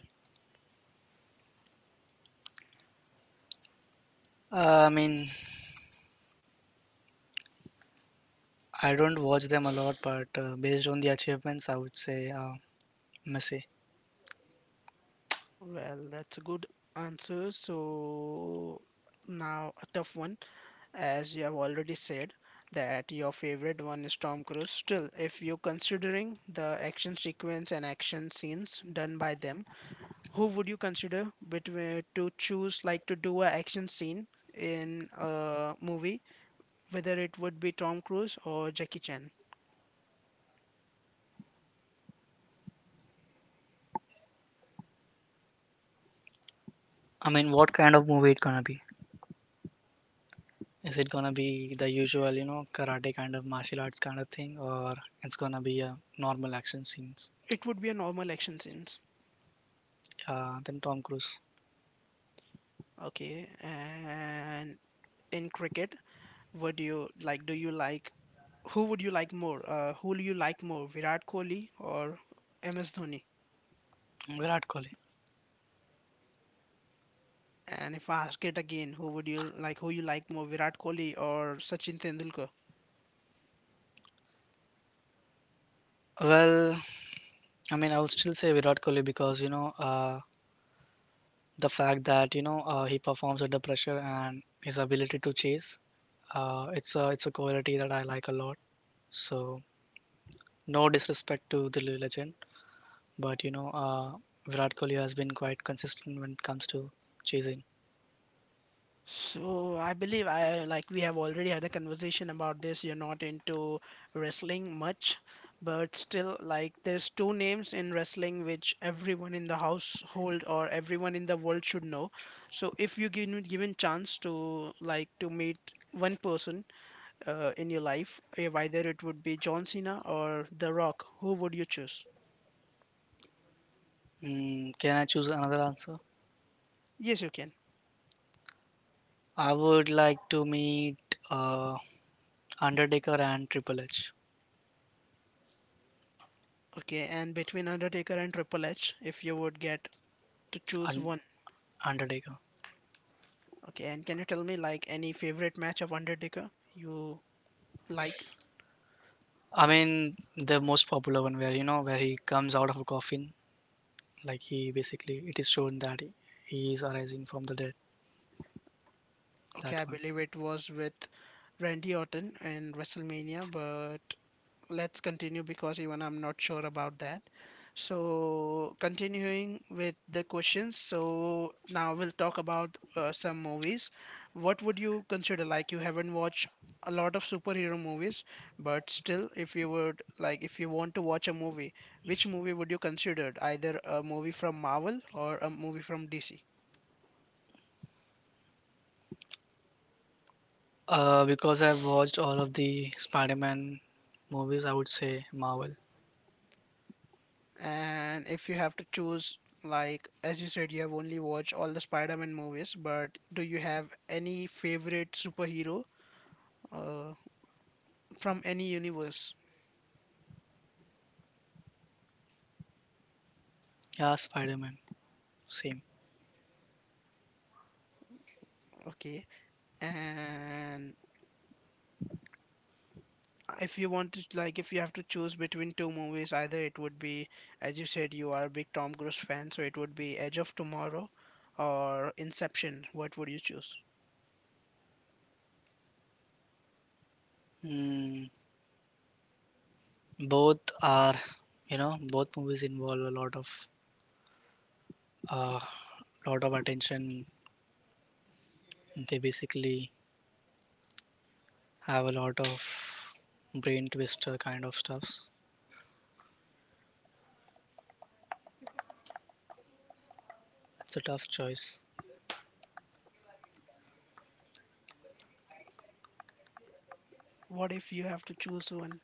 [SPEAKER 2] I mean, I don't watch them a lot, but based on the achievements, I would say. Messy.
[SPEAKER 1] Well, that's a good answer. So now a tough one, as you have already said that your favorite one is Tom Cruise. Still, if you're considering the action sequence and action scenes done by them, who would you consider between to choose, like, to do a action scene in a movie, whether it would be Tom Cruise or Jackie Chan.
[SPEAKER 2] I mean, what kind of movie it gonna be? Is it gonna be the usual, you know, karate kind of martial arts kind of thing, or it's gonna be a normal action scenes?
[SPEAKER 1] It would be a normal action scenes.
[SPEAKER 2] Then Tom Cruise.
[SPEAKER 1] Okay, and in cricket, what do you like? Do you like who would you like more? Who do you like more, Virat Kohli or MS Dhoni?
[SPEAKER 2] Virat Kohli.
[SPEAKER 1] And if I ask it again, who would you like? Who you like more, Virat Kohli or Sachin Tendulkar?
[SPEAKER 2] Well, I mean, I would still say Virat Kohli because the fact that he performs under pressure and his ability to chase. It's a, it's a quality that I like a lot. So no disrespect to the legend, but you know, Virat Kohli has been quite consistent when it comes to chasing.
[SPEAKER 1] So I believe I like we have already had a conversation about this. You're not into wrestling much, but still like there's two names in wrestling which everyone in the household or everyone in the world should know. So if you given chance to like to meet one person in your life, if either it would be John Cena or The Rock, who would you choose?
[SPEAKER 2] Mm, can I choose another answer?
[SPEAKER 1] Yes, you can.
[SPEAKER 2] I would like to meet uh, Undertaker and Triple H.
[SPEAKER 1] Okay, and between Undertaker and Triple H, if you would get to choose
[SPEAKER 2] Un-
[SPEAKER 1] one.
[SPEAKER 2] Undertaker.
[SPEAKER 1] Okay, and can you tell me like any favorite match of Undertaker you like?
[SPEAKER 2] I mean, the most popular one where you know where he comes out of a coffin, like he basically it is shown that he is arising from the dead.
[SPEAKER 1] Okay, I
[SPEAKER 2] That one.
[SPEAKER 1] believe it was with Randy Orton in WrestleMania, but let's continue because even I'm not sure about that. So, continuing with the questions, so now we'll talk about some movies. What would you consider, like, you haven't watched a lot of superhero movies, but still, if you would like, if you want to watch a movie, which movie would you consider? Either a movie from Marvel or a movie from DC?
[SPEAKER 2] Because I've watched all of the Spider-Man movies, I would say Marvel.
[SPEAKER 1] And if you have to choose, like, as you said, you have only watched all the Spider-Man movies, but do you have any favorite superhero uh, from any universe?
[SPEAKER 2] Yeah, Spider-Man. Same.
[SPEAKER 1] Okay, and if you want to like if you have to choose between two movies, either it would be, as you said, you are a big Tom Cruise fan, so it would be Edge of Tomorrow or Inception, what would you choose?
[SPEAKER 2] Hmm. Both are, you know, both movies involve a uh, lot of attention, they basically have a lot of brain twister kind of stuffs. It's a tough choice.
[SPEAKER 1] What if you have to choose one?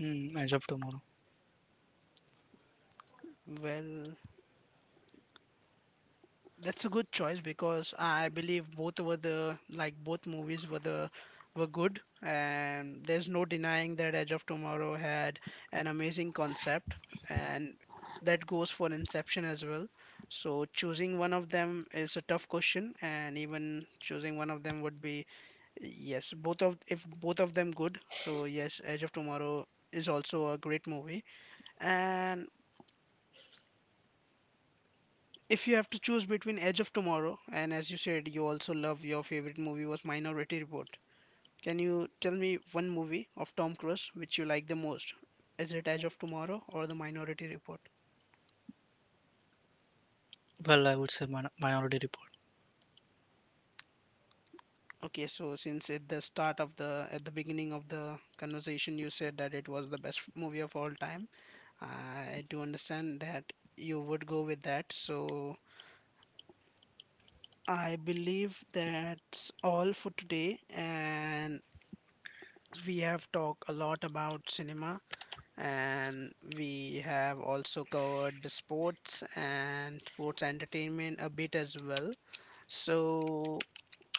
[SPEAKER 2] Mm, edge of tomorrow.
[SPEAKER 1] Well, that's a good choice, because I believe both were the like both movies were the were good, and there's no denying that Edge of Tomorrow had an amazing concept, and that goes for Inception as well. So choosing one of them is a tough question, and even choosing one of them would be, yes, both of, if both of them good. So yes, Edge of Tomorrow is also a great movie, and if you have to choose between Edge of Tomorrow, and as you said you also love, your favorite movie was Minority Report. Can you tell me one movie of Tom Cruise which you like the most? Is it Edge of Tomorrow or The Minority Report?
[SPEAKER 2] Well, I would say minority report.
[SPEAKER 1] Okay, so since at the beginning of the conversation you said that it was the best movie of all time, I do understand that you would go with that. So I believe that's all for today, and we have talked a lot about cinema, and we have also covered the sports and sports entertainment a bit as well. So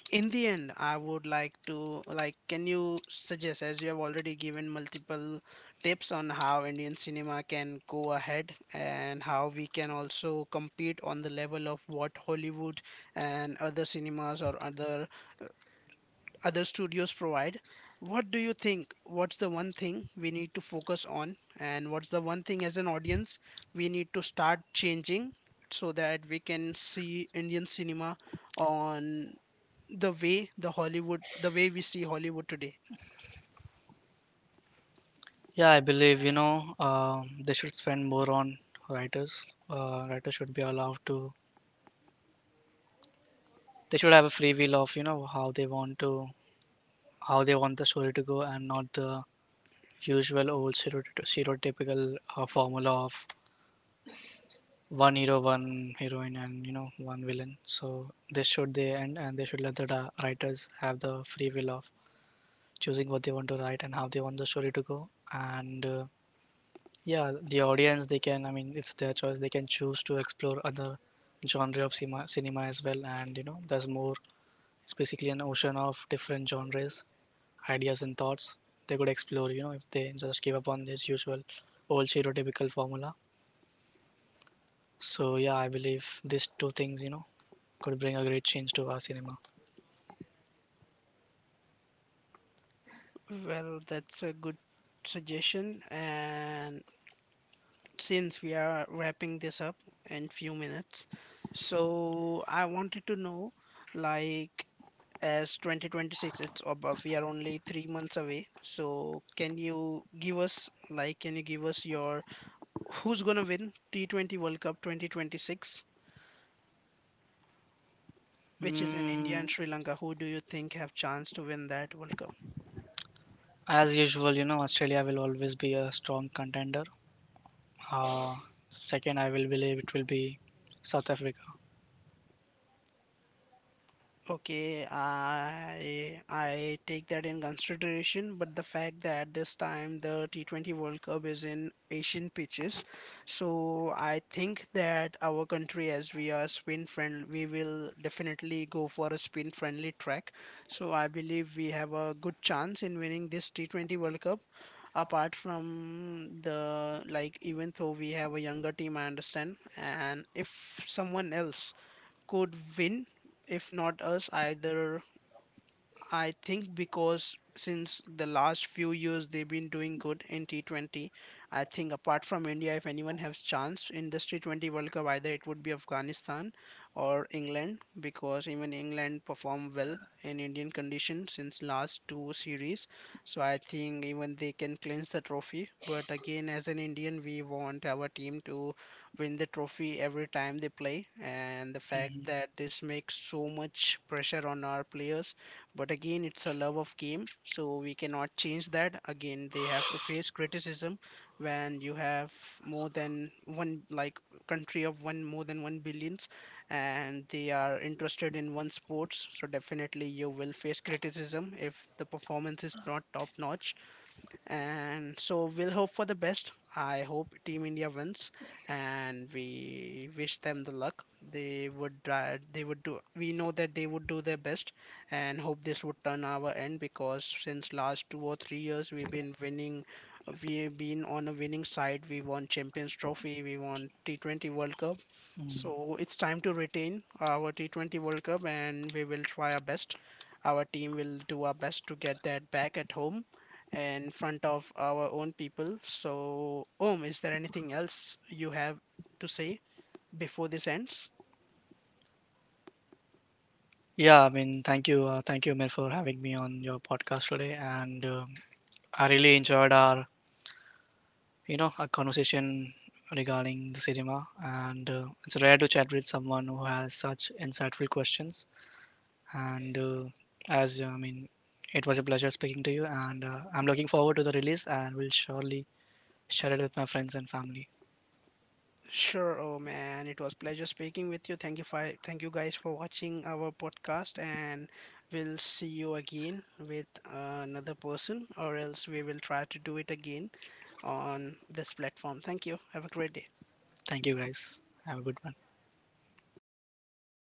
[SPEAKER 1] in the end, I would like to like can you suggest, as you have already given multiple tips on how Indian cinema can go ahead and how we can also compete on the level of what Hollywood and other cinemas or other studios provide. What do you think? What's the one thing we need to focus on, and what's the one thing as an audience we need to start changing so that we can see Indian cinema on the way we see Hollywood today?
[SPEAKER 2] Yeah I believe you know they should spend more on writers. Writers should be allowed to, they should have a free will of you know how they want to, how they want the story to go, and not the usual old stereotypical formula of one hero, one heroine, and you know one villain. So this should they end, and they should let the writers have the free will of choosing what they want to write and how they want the story to go. And Yeah, the audience they can. I mean, it's their choice. They can choose to explore other genre of cinema as well, and you know there's more, it's basically an ocean of different genres, ideas, and thoughts they could explore, you know, if they just give up on this usual old stereotypical formula. So, yeah, I believe these two things, you know, could bring a great change to our cinema.
[SPEAKER 1] Well, that's a good suggestion, and since we are wrapping this up in few minutes, so I wanted to know like as 2026 it's above, we are only 3 months away, so can you give us, like, can you give us your who's gonna win T20 World Cup 2026, which is in India
[SPEAKER 2] Mm,
[SPEAKER 1] and Sri Lanka, who do you think have chance to win that World Cup?
[SPEAKER 2] as usual, you know, Australia will always be a strong contender. Uh, second, I will believe it will be South Africa.
[SPEAKER 1] Okay, I take that in consideration, but the fact that this time the T20 World Cup is in Asian pitches, so I think that our country, as we are spin friendly, we will definitely go for a spin friendly track. So I believe we have a good chance in winning this T20 World Cup. Apart from the like, even though we have a younger team, I understand, and if someone else could win if not us either, I think, because since the last few years they've been doing good in T20. I think apart from India, if anyone has chance in this T20 World Cup, either it would be Afghanistan or England, because even England perform well in Indian conditions since last two series. So I think even they can clinch the trophy. But again, as an Indian, we want our team to win the trophy every time they play, and the fact that this makes so much pressure on our players. But again, it's a love of game, so we cannot change that. Again, they have to face criticism. When you have more than one, like, country of one, more than one billions, and they are interested in one sports, so definitely you will face criticism if the performance is not top notch. And so we'll hope for the best. I hope team India wins, and we wish them the luck. They would they would do, we know that they would do their best, and hope this would turn our end, because since last 2 or 3 years we've been winning, we've been on a winning side. We won Champions Trophy, we won T20 World Cup.
[SPEAKER 2] Mm.
[SPEAKER 1] So it's time to retain our T20 World Cup, and we will try our best. Our team will do our best to get that back at home, in front of our own people. So, Om, is there anything else you have to say before this ends?
[SPEAKER 2] Yeah, I mean, thank you, Mir, for having me on your podcast today, and I really enjoyed our you know a conversation regarding the cinema and it's rare to chat with someone who has such insightful questions, and as I mean it was a pleasure speaking to you, and I'm looking forward to the release and will surely share it with my friends and family.
[SPEAKER 1] Sure, Om, and it was pleasure speaking with you. Thank you guys for watching our podcast, and we'll see you again with another person, or else we will try to do it again on this platform. Thank you. Have a great day.
[SPEAKER 2] Thank you guys, have a good one.